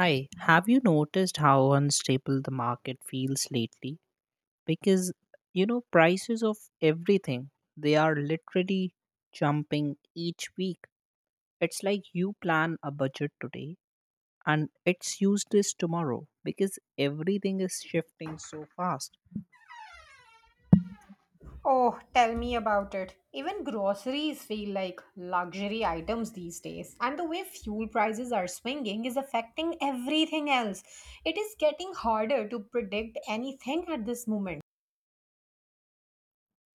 Hi, have you noticed how unstable the market feels lately? Because you know, prices of everything, they are literally jumping each week. It's like you plan a budget today and it's useless tomorrow because everything is shifting so fast. Oh, tell me about it. Even groceries feel like luxury items these days, and the way fuel prices are swinging is affecting everything else. It is getting harder to predict anything at this moment.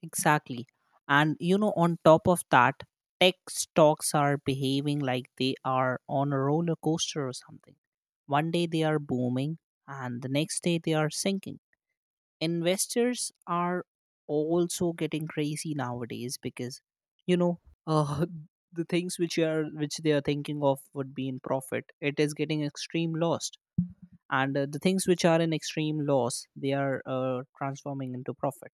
Exactly. And you know, on top of that, tech stocks are behaving like they are on a roller coaster or something. One day they are booming and the next day they are sinking investors are also getting crazy nowadays because you know uh, the things which they are thinking of would be in profit it is getting extreme loss and the things which are in extreme loss they are transforming into profit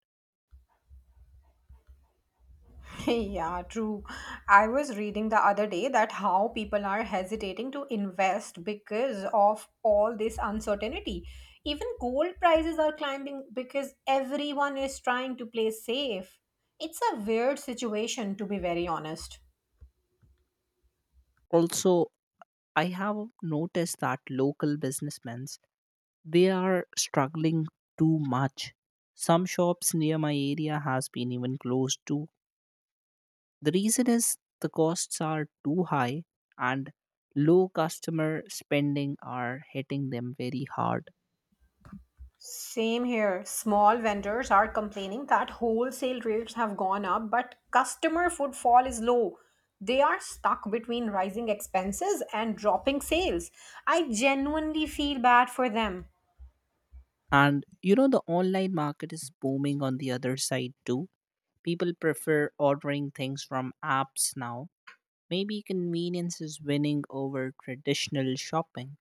Yeah, true. I was reading the other day that how people are hesitating to invest because of all this uncertainty. Even gold prices are climbing because everyone is trying to play safe. It's a weird situation, to be very honest. also I have noticed that local businessmen they are struggling too much. Some shops near my area has been even closed too. The reason is the costs are too high and low customer spending are hitting them very hard. Same here. Small vendors are complaining that wholesale rates have gone up, but customer footfall is low. They are stuck between rising expenses and dropping sales. I genuinely feel bad for them. And you know, the online market is booming on the other side too. People prefer ordering things from apps now. Maybe convenience is winning over traditional shopping.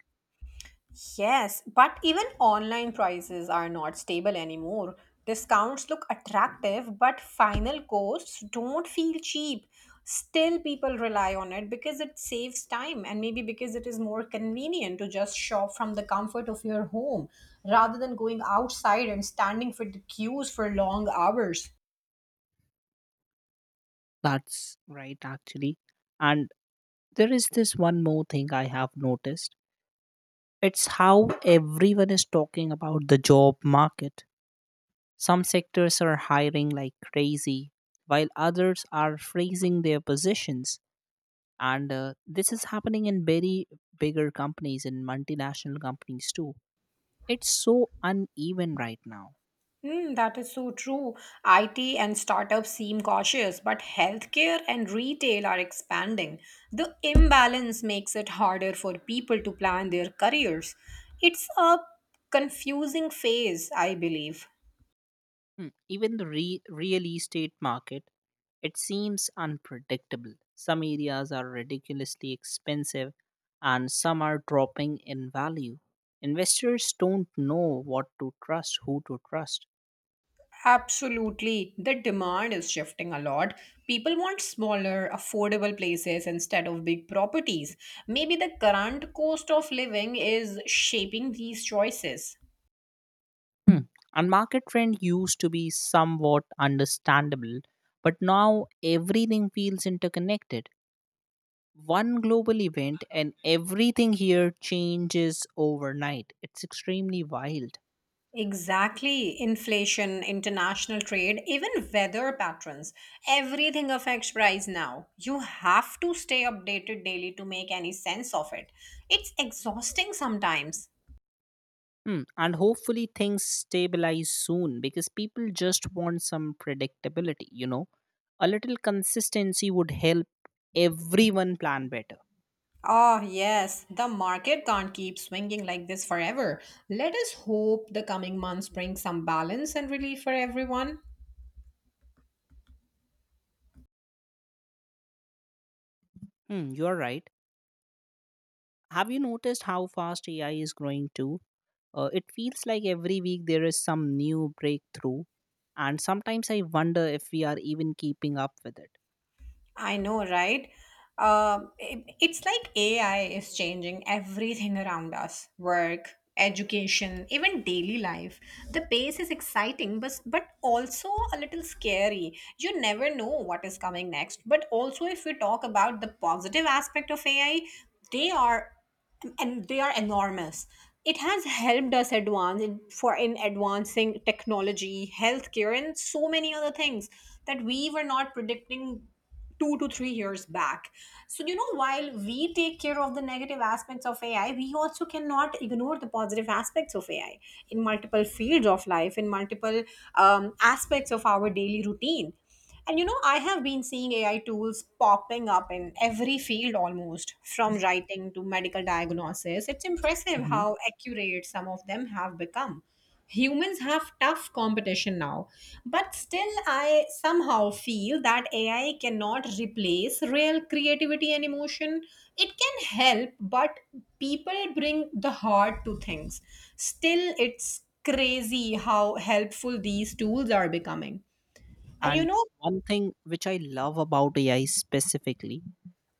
Yes, but even online prices are not stable anymore. Discounts look attractive, but final costs don't feel cheap. Still, people rely on it because it saves time and maybe because it is more convenient to just shop from the comfort of your home rather than going outside and standing for the queues for long hours. That's right, actually. And there is this one more thing I have noticed, it's how everyone is talking about the job market. Some sectors are hiring like crazy, while others are freezing their positions. And this is happening in very bigger companies and multinational companies too. It's so uneven right now. Hmm, that is so true. IT and startups seem cautious, but healthcare and retail are expanding. The imbalance makes it harder for people to plan their careers. It's a confusing phase, I believe. Hmm, even the real estate market, it seems unpredictable. Some areas are ridiculously expensive and some are dropping in value. Investors don't know what to trust, who to trust. Absolutely. The demand is shifting a lot. People want smaller, affordable places instead of big properties. Maybe the current cost of living is shaping these choices. And market trend used to be somewhat understandable, but now everything feels interconnected. One global event and everything here changes overnight. It's extremely wild. Exactly. Inflation, international trade, even weather patterns. Everything affects price now. You have to stay updated daily to make any sense of it. It's exhausting sometimes. Hmm. And hopefully things stabilize soon because people just want some predictability, you know. A little consistency would help everyone plan better. Oh, yes, the market can't keep swinging like this forever. Let us hope the coming months bring some balance and relief for everyone. Hmm, you're right. Have you noticed how fast AI is growing too? It feels like every week there is some new breakthrough, and sometimes I wonder if we are even keeping up with it. I know, right? It's like AI is changing everything around us work, education, even daily life. The pace is exciting, but, also a little scary. You never know what is coming next. But also, if we talk about the positive aspect of AI, they are enormous. It has helped us advance in advancing technology, healthcare, and so many other things that we were not predicting 2 to 3 years back. So you know, while we take care of the negative aspects of AI, we also cannot ignore the positive aspects of AI in multiple fields of life, in multiple aspects of our daily routine. And you know, I have been seeing AI tools popping up in every field almost, from writing to medical diagnosis. It's impressive Hmm. how accurate some of them have become. Humans have tough competition now, but still, I somehow feel that AI cannot replace real creativity and emotion. It can help, but people bring the heart to things. Still, it's crazy how helpful these tools are becoming. And you And know, one thing which I love about AI specifically,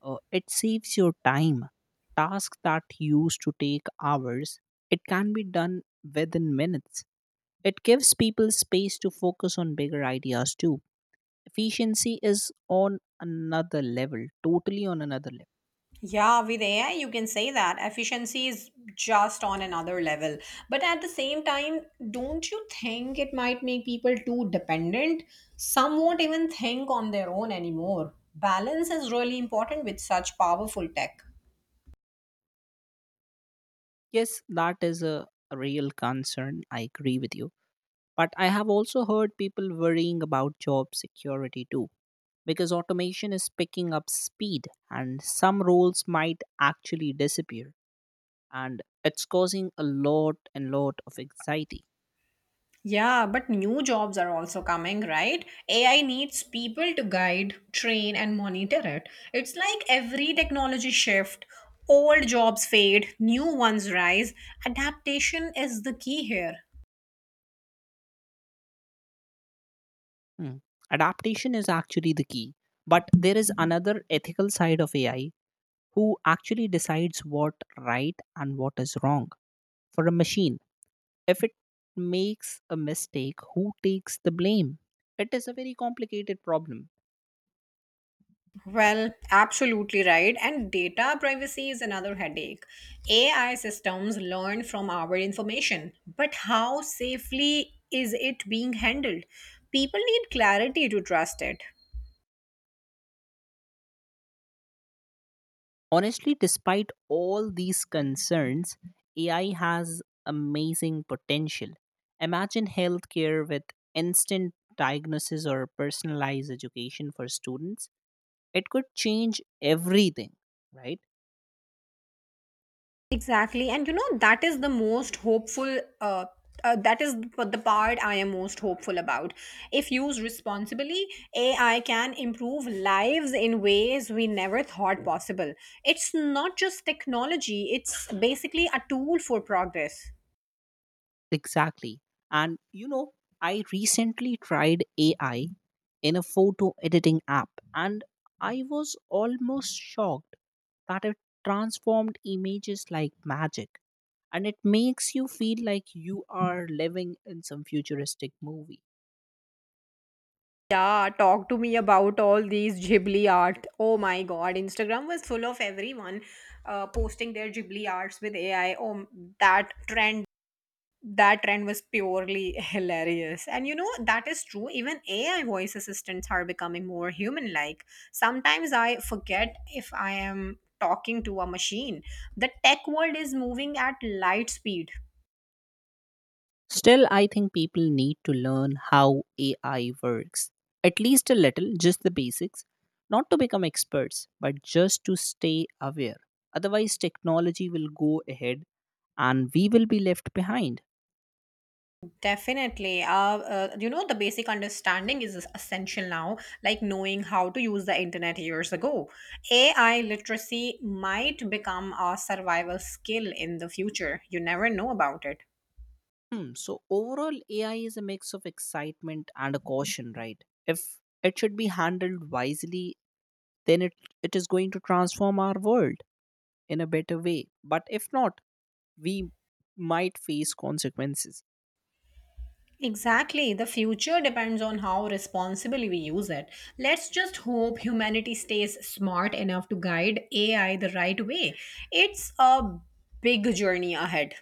it saves your time. Tasks that used to take hours, it can be done within minutes. It gives people space to focus on bigger ideas too. Efficiency is on another level, totally on another level. yeah, with AI, you can say that efficiency is just on another level. But at the same time, don't you think it might make people too dependent? Some won't even think on their own anymore. Balance is really important with such powerful tech. Yes, that is a real concern. I agree with you. But I have also heard people worrying about job security too, because automation is picking up speed and some roles might actually disappear. And it's causing a lot and lot of anxiety. Yeah, but new jobs are also coming, right? AI needs people to guide, train, and monitor it. It's like every technology shift, old jobs fade, new ones rise. Adaptation is the key here. Hmm. Adaptation is actually the key. But there is another ethical side of AI, who actually decides what right and what is wrong for a machine. If it makes a mistake, who takes the blame? It is a very complicated problem. Well, absolutely right. And data privacy is another headache. AI systems learn from our information, but how safely is it being handled? People need clarity to trust it. Honestly, despite all these concerns, AI has amazing potential. Imagine healthcare with instant diagnosis or personalized education for students. It could change everything, right? Exactly. And you know, that is the most hopeful. That is the part I am most hopeful about. If used responsibly, AI can improve lives in ways we never thought possible. It's not just technology, it's basically a tool for progress. Exactly. And you know, I recently tried AI in a photo editing app and I was almost shocked that it transformed images like magic, and it makes you feel like you are living in some futuristic movie. Yeah, talk to me about all these Ghibli art. Oh my god, Instagram was full of everyone posting their Ghibli arts with AI. Oh, that trend that trend was purely hilarious. And you know, that is true. Even AI voice assistants are becoming more human like. Sometimes I forget if I am talking to a machine. The tech world is moving at light speed. Still, I think people need to learn how AI works, at least a little, just the basics, not to become experts, but just to stay aware. Otherwise, technology will go ahead and we will be left behind. Definitely. You know, the basic understanding is essential now, like knowing how to use the internet years ago. AI literacy might become a survival skill in the future. You never know about it. Hmm. So overall, AI is a mix of excitement and a caution, right? If it should be handled wisely, then it is going to transform our world in a better way. But if not, we might face consequences. Exactly. The future depends on how responsibly we use it. Let's just hope humanity stays smart enough to guide AI the right way. It's a big journey ahead.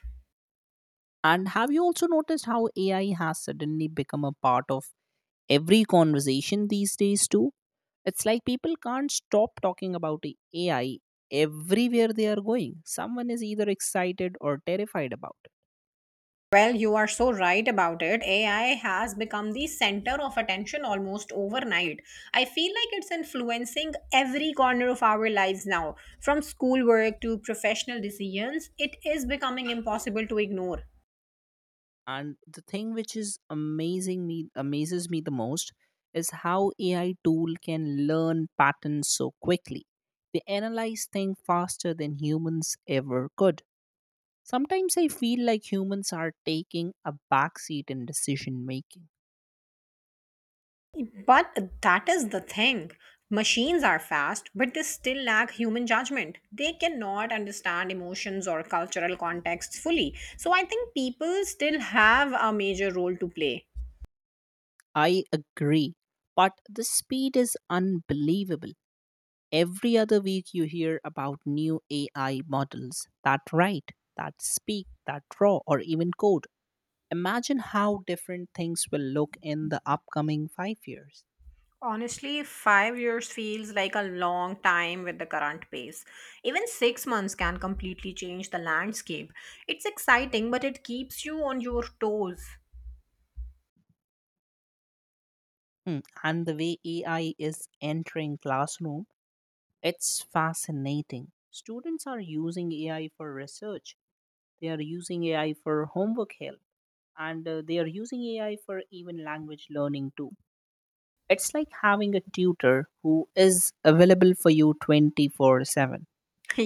And have you also noticed how AI has suddenly become a part of every conversation these days, too? It's like people can't stop talking about AI. Everywhere they are going, someone is either excited or terrified about it. Well, you are so right about it. AI has become the center of attention almost overnight. I feel like it's influencing every corner of our lives now, from schoolwork to professional decisions. It is becoming impossible to ignore. And the thing which is amazing me amazes me the most is how AI tool can learn patterns so quickly. They analyze things faster than humans ever could. Sometimes I feel like humans are taking a backseat in decision making. But that is the thing. Machines are fast, but they still lack human judgment. They cannot understand emotions or cultural contexts fully. So I think people still have a major role to play. I agree, but the speed is unbelievable. Every other week you hear about new AI models that write, that speak, that draw, or even code. Imagine how different things will look in the upcoming 5 years. Honestly, 5 years feels like a long time with the current pace. Even 6 months can completely change the landscape. It's exciting, but it keeps you on your toes. Hmm, and the way AI is entering classroom, it's fascinating. Students are using AI for research. They are using AI for homework help, and they are using AI for even language learning too. It's like having a tutor who is available for you 24/7.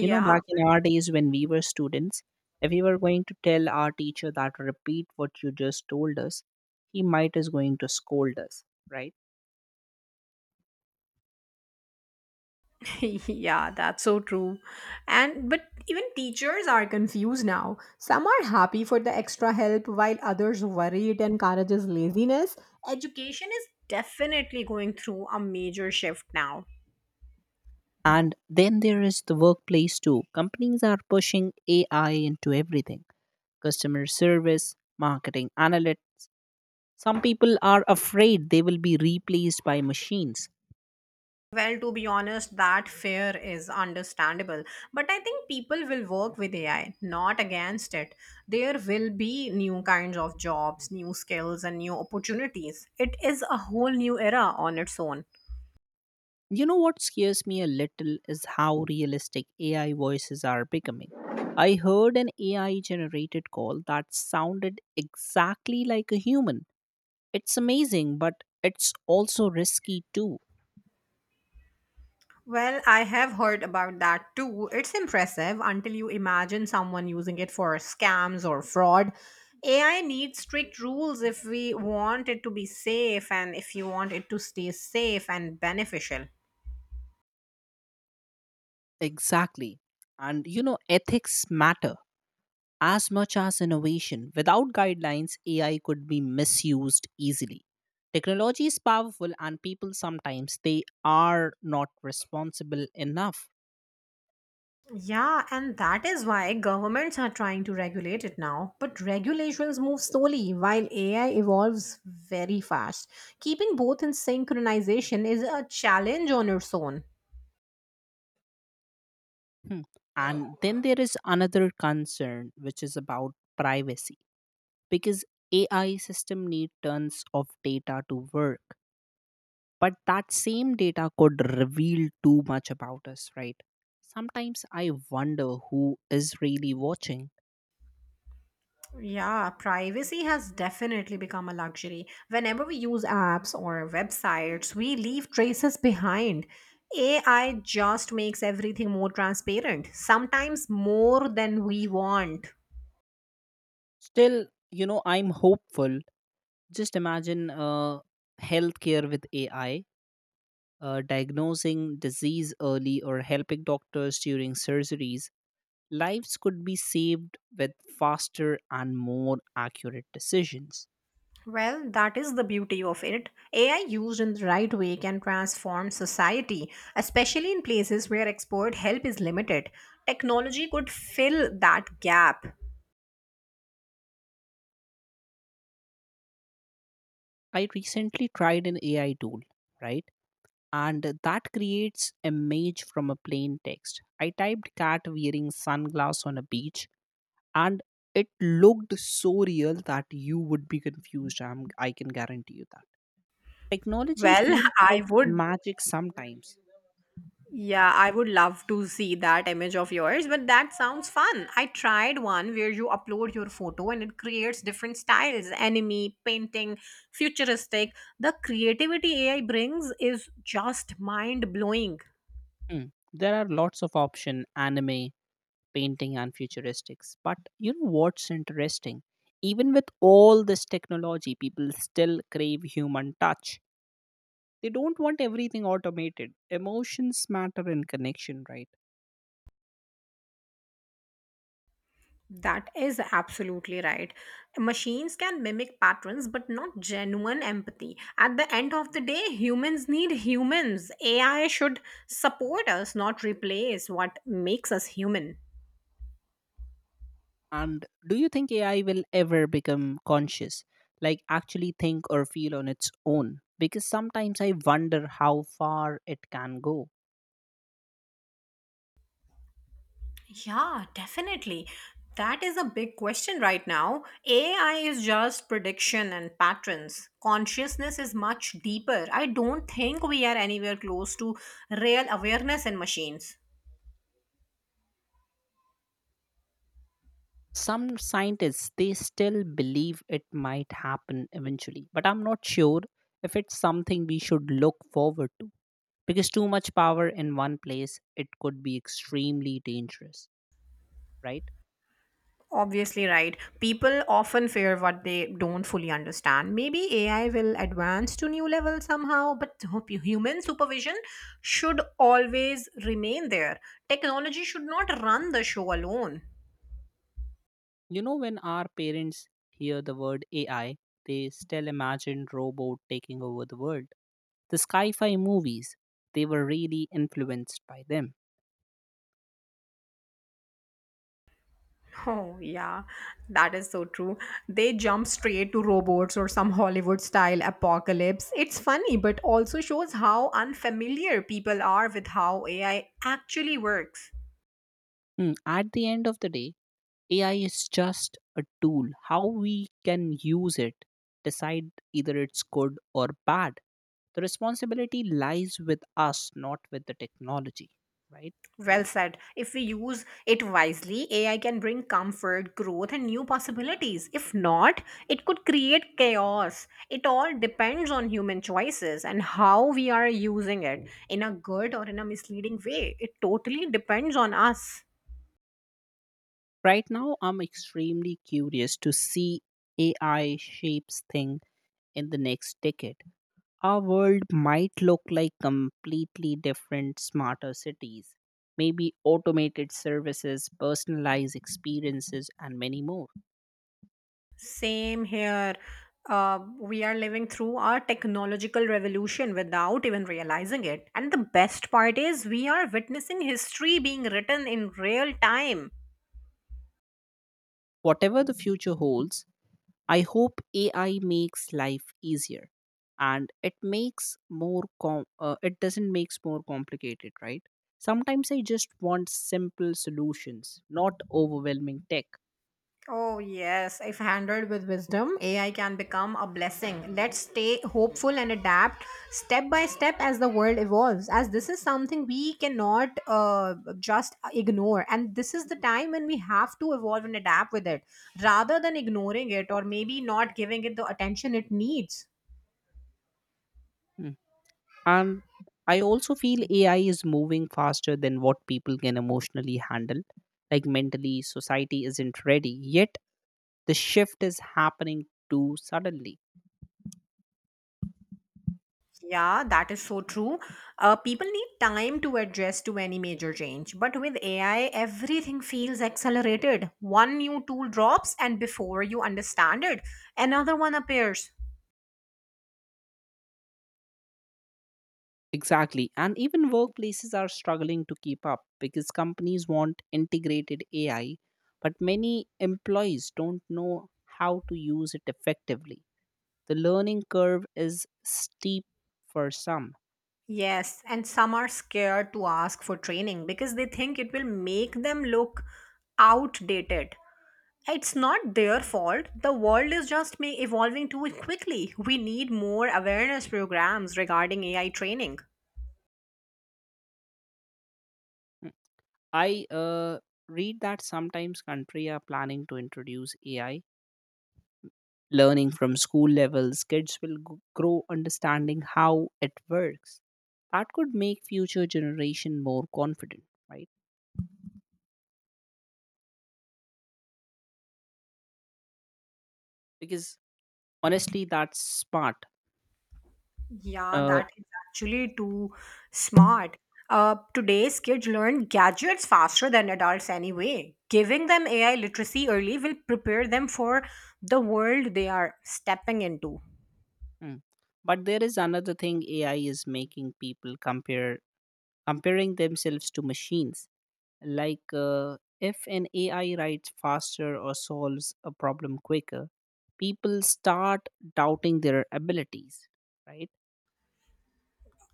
You know, back in our days when we were students, if we were going to tell our teacher that repeat what you just told us, he might is going to scold us, right? yeah, that's so true. And but even teachers are confused now. Some are happy for the extra help while others worry it encourages laziness. Education is definitely going through a major shift now. And then there is the workplace too. Companies are pushing AI into everything, customer service, marketing, analytics. Some people are afraid they will be replaced by machines. Well, to be honest, that fear is understandable. But I think people will work with AI, not against it. There will be new kinds of jobs, new skills, and new opportunities. It is a whole new era on its own. You know what scares me a little is how realistic AI voices are becoming. I heard an AI generated call that sounded exactly like a human. It's amazing, but it's also risky too. Well, I have heard about that too. It's impressive until you imagine someone using it for scams or fraud. AI needs strict rules if we want it to be safe and if you want it to stay safe and beneficial. Exactly. And you know, ethics matter as much as innovation. Without guidelines, AI could be misused easily. Technology is powerful, and people sometimes they are not responsible enough. Yeah, and that is why governments are trying to regulate it now. But regulations move slowly while AI evolves very fast. Keeping both in synchronization is a challenge on its own. Hmm. And then there is another concern, which is about privacy, because AI system need tons of data to work, but that same data could reveal too much about us, right? Sometimes I wonder who is really watching. Yeah, privacy has definitely become a luxury. Whenever we use apps or websites, we leave traces behind. AI just makes everything more transparent, sometimes more than we want. Still, you know, I'm hopeful. Just imagine healthcare with AI, diagnosing disease early or helping doctors during surgeries, lives could be saved with faster and more accurate decisions. Well, that is the beauty of it. AI used in the right way can transform society, especially in places where expert help is limited. Technology could fill that gap. I recently tried an AI tool, right? And that creates image from a plain text. I typed cat wearing sunglasses on a beach and it looked so real that you would be confused. I can guarantee you that. Technology Well, feels I like would magic sometimes. Yeah, I would love to see that image of yours, but that sounds fun. I tried one where you upload your photo and it creates different styles anime, painting, futuristic. The creativity AI brings is just mind blowing. Hmm. There are lots of option anime, painting and futuristics. But you know what's interesting? Even with all this technology, people still crave human touch. They don't want everything automated. Emotions matter in connection, right? That is absolutely right. Machines can mimic patterns, but not genuine empathy. At the end of the day, humans need humans. AI should support us, not replace what makes us human. And do you think AI will ever become conscious, like actually think or feel on its own? Because sometimes I wonder how far it can go. Yeah, definitely. That is a big question right now. AI is just prediction and patterns. Consciousness is much deeper. I don't think we are anywhere close to real awareness in machines. Some scientists they still believe it might happen eventually, but I'm not sure if it's something we should look forward to, because too much power in one place, it could be extremely dangerous, right? Obviously, right. People often fear what they don't fully understand. Maybe AI will advance to new level somehow, but human supervision should always remain there. Technology should not run the show alone. You know, when our parents hear the word AI, they still imagine robot taking over the world. The sci-fi movies, they were really influenced by them. Oh, yeah, that is so true. They jump straight to robots or some Hollywood style apocalypse. It's funny, but also shows how unfamiliar people are with how AI actually works. Hmm, at the end of the day AI is just a tool. How we can use it, decide either it's good or bad. The responsibility lies with us, not with the technology, right? Well said. If we use it wisely, AI can bring comfort, growth, and new possibilities. If not, it could create chaos. It all depends on human choices and how we are using it in a good or in a misleading way. It totally depends on us. Right now, I'm extremely curious to see AI shapes thing in the next decade. Our world might look like completely different, smarter cities, maybe automated services, personalized experiences, and many more. Same here. We are living through our technological revolution without even realizing it. And the best part is, we are witnessing history being written in real time. Whatever the future holds, I hope AI makes life easier and it makes more it doesn't makes more complicated, right? Sometimes I just want simple solutions, not overwhelming tech. Oh, yes. If handled with wisdom, AI can become a blessing. Let's stay hopeful and adapt step by step as the world evolves, as this is something we cannot just ignore. And this is the time when we have to evolve and adapt with it rather than ignoring it or maybe not giving it the attention it needs. And I also feel AI is moving faster than what people can emotionally handle. Like mentally, society isn't ready. Yet the shift is happening too suddenly. Yeah, that is so true. People need time to adjust to any major change. But with AI, everything feels accelerated. One new tool drops, and before you understand it, another one appears. Exactly. And even workplaces are struggling to keep up because companies want integrated AI, but many employees don't know how to use it effectively. The learning curve is steep for some. Yes, and some are scared to ask for training because they think it will make them look outdated. It's not their fault. The world is just evolving too quickly. We need more awareness programs regarding AI training. I read that sometimes country are planning to introduce AI learning from school levels. Kids will grow understanding how it works. That could make future generation more confident, right? Because honestly, that's smart. Yeah, Uh, that is actually too smart. Today's kids learn gadgets faster than adults anyway. Giving them AI literacy early will prepare them for the world they are stepping into. mm. But there is another thing AI is making people compare comparing themselves to machines. Like if an AI writes faster or solves a problem quicker, people start doubting their abilities, right?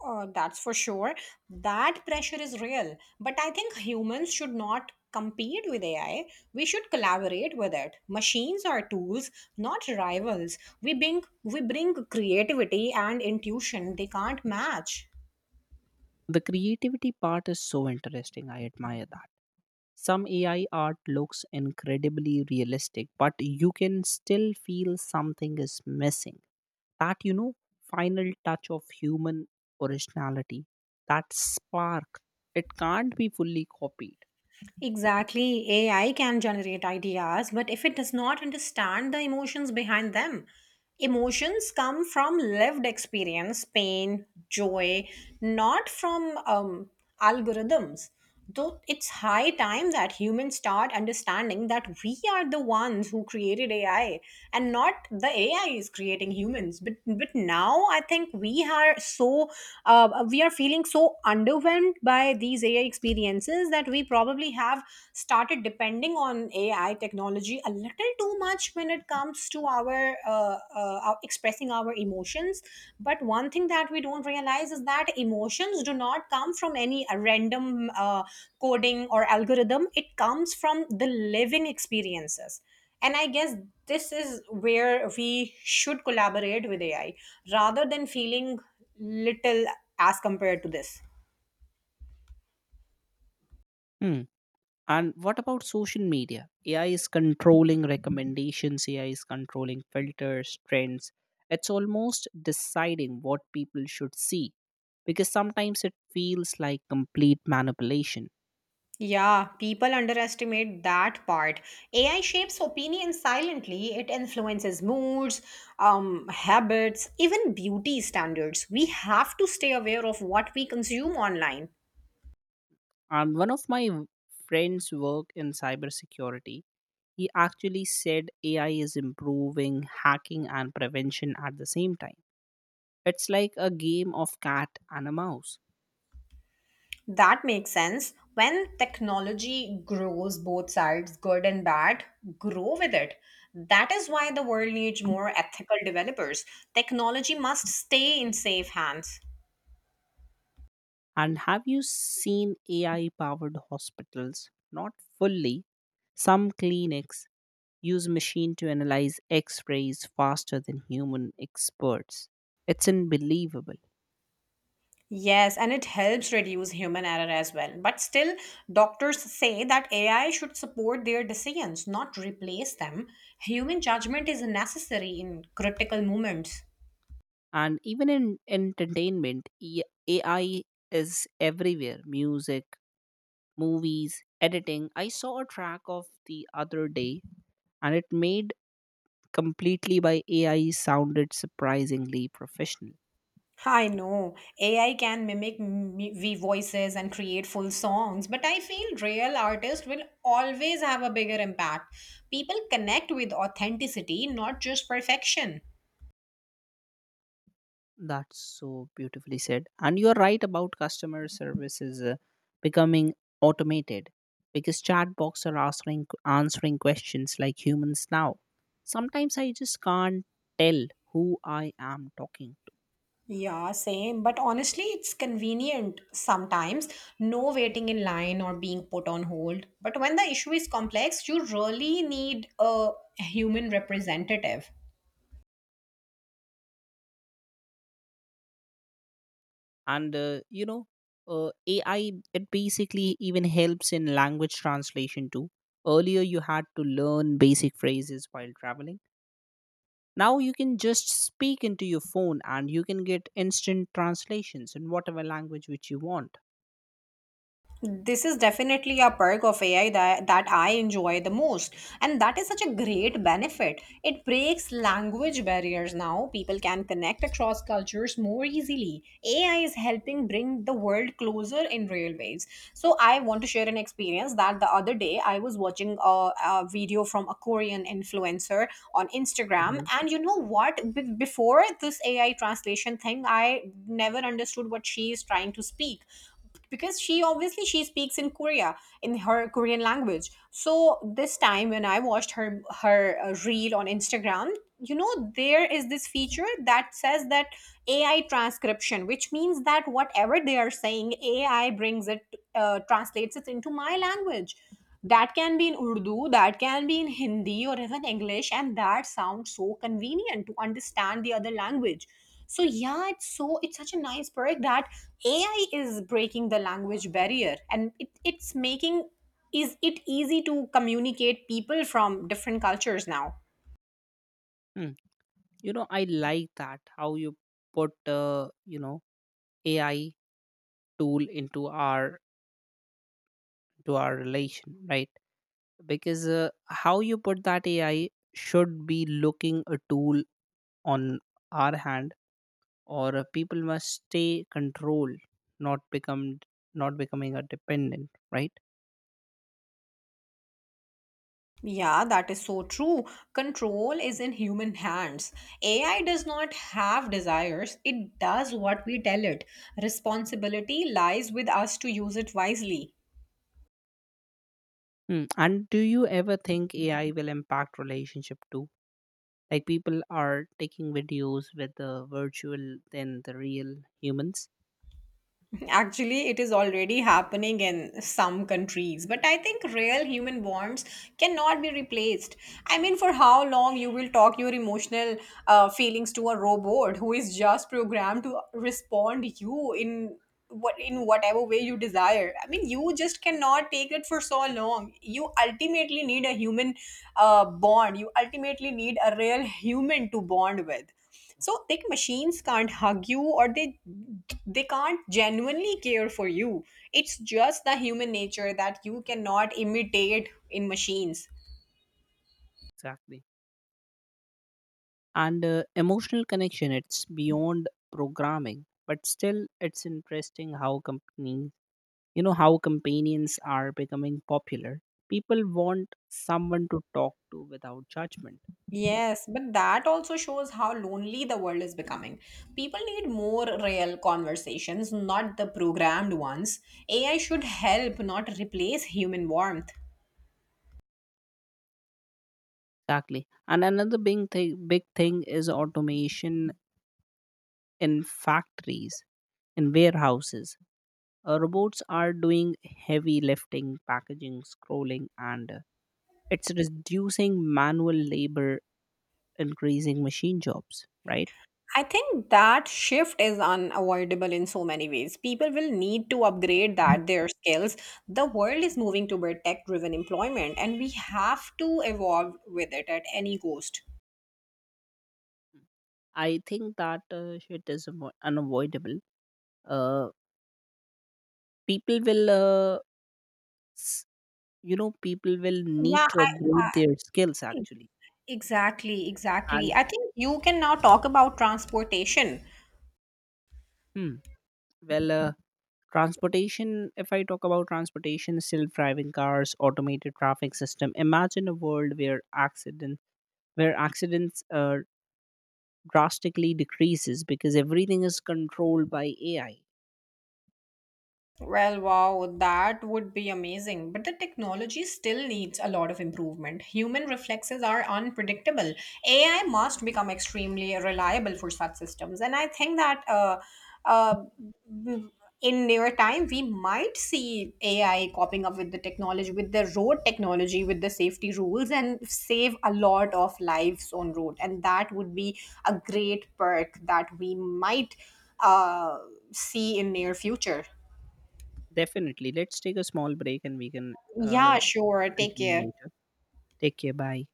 Oh, that's for sure. That pressure is real. But I think humans should not compete with AI. We should collaborate with it. Machines are tools, not rivals. We bring creativity and intuition they can't match. The creativity part is so interesting. I admire that. Some AI art looks incredibly realistic, but you can still feel something is missing. That, you know, final touch of human originality, that spark, it can't be fully copied. Exactly. AI can generate ideas, but if it does not understand the emotions behind them, emotions come from lived experience, pain, joy, not from algorithms. Though it's high time that humans start understanding that we are the ones who created AI and not the AI is creating humans. But now I think we are so we are feeling so underwhelmed by these AI experiences that we probably have started depending on AI technology a little too much when it comes to our expressing our emotions. But one thing that we don't realize is that emotions do not come from any random coding or algorithm. It comes from the living experiences. And I guess this is where we should collaborate with AI rather than feeling little as compared to this. Hmm. And what about social media? AI is controlling recommendations, AI is controlling filters, trends. It's almost deciding what people should see because sometimes it feels like complete manipulation. Yeah, people underestimate that part. AI shapes opinion silently. It influences moods, habits, even beauty standards. We have to stay aware of what we consume online. And one of my friends work in cybersecurity. He actually said AI is improving hacking and prevention at the same time. It's like a game of cat and a mouse. That makes sense. When technology grows, both sides, good and bad, grow with it. That is why the world needs more ethical developers. Technology must stay in safe hands. And have you seen AI powered hospitals? Not fully. Some clinics use machine to analyze x-rays faster than human experts. It's unbelievable. Yes, and it helps reduce human error as well. But still, doctors say that AI should support their decisions, not replace them. Human judgment is necessary in critical moments. And even in entertainment, AI is everywhere. Music, movies, editing. I saw a track of the other day and it made completely by AI sounded surprisingly professional. I know AI can mimic m- we voices and create full songs, but I feel real artists will always have a bigger impact. People connect with authenticity, not just perfection. That's so beautifully said. And you're right about customer services becoming automated because chatbots are answering questions like humans now. Sometimes I just can't tell who I am talking. Yeah, same. But honestly, it's convenient sometimes. No waiting in line or being put on hold. But when the issue is complex, you really need a human representative. And AI it basically even helps in language translation too. Earlier you had to learn basic phrases while traveling, now you can just speak into your phone and you can get instant translations in whatever language which you want. This is definitely a perk of AI that I enjoy the most. And that is such a great benefit. It breaks language barriers now. People can connect across cultures more easily. AI is helping bring the world closer in real ways. So, I want to share an experience that the other day I was watching a video from a Korean influencer on Instagram. Mhm. And you know what? Before this AI translation thing, I never understood what she is trying to speak, because she obviously, she speaks in Korea, in her Korean language. So this time when I watched her reel on Instagram, you know, there is this feature that says that AI transcription, which means that whatever they are saying, AI brings it, translates it into my language. That can be in Urdu, that can be in Hindi, or even English, and that sounds so convenient to understand the other language. So yeah, it's such a nice product that AI is breaking the language barrier, and it's making is it easy to communicate people from different cultures now. Mm. You know, I like that how you put AI tool into our to our relation, right? Because how you put that AI should be looking a tool on our hand, or people must stay control, not become not becoming a dependent, right? Yeah, that is so true. Control is in human hands. AI does not have desires, it does what we tell it. Responsibility lies with us to use it wisely. Hmm. And do you ever think AI will impact relationship too, like people are taking videos with the virtual than the real humans. Actually, it is already happening in some countries, but I think real human bonds cannot be replaced. I mean, for how long you will talk your emotional feelings to a robot who is just programmed to respond you in whatever way you desire. I mean, you just cannot take it for so long. You ultimately need a human bond. You ultimately need a real human to bond with. So like, machines can't hug you, or they can't genuinely care for you. It's just the human nature that you cannot imitate in machines. Exactly. And emotional connection, it's beyond programming, but still it's interesting how companies, you know, how companions are becoming popular. People want someone to talk to without judgment. Yes, but that also shows how lonely the world is becoming. People need more real conversations, not the programmed ones. AI should help, not replace human warmth. Exactly. And another big thing is automation in factories, in warehouses. Robots are doing heavy lifting packaging scrolling, and it's reducing manual labor, increasing machine jobs, right? I think that shift is unavoidable in so many ways. People will need to upgrade that their skills. The world is moving toward tech-driven employment, and we have to evolve with it at any cost. I think that shit is unavoidable. uh, people will people will need Yeah, to upgrade their skills actually. exactly. And I think you can now talk about transportation. hmm, well, transportation if I talk about transportation, self-driving cars, automated traffic system, imagine a world where accident where accidents drastically decreases because everything is controlled by AI. Well, wow, that would be amazing. But the technology still needs a lot of improvement. Human reflexes are unpredictable. AI must become extremely reliable for such systems. And I think that uh, in near time, we might see AI copying up with the technology, with the road technology, with the safety rules, and save a lot of lives on road. And that would be a great perk that we might uh, see in near future. Definitely, let's take a small break, and we can uh, Yeah, sure. Take continue care. later. Take care, bye.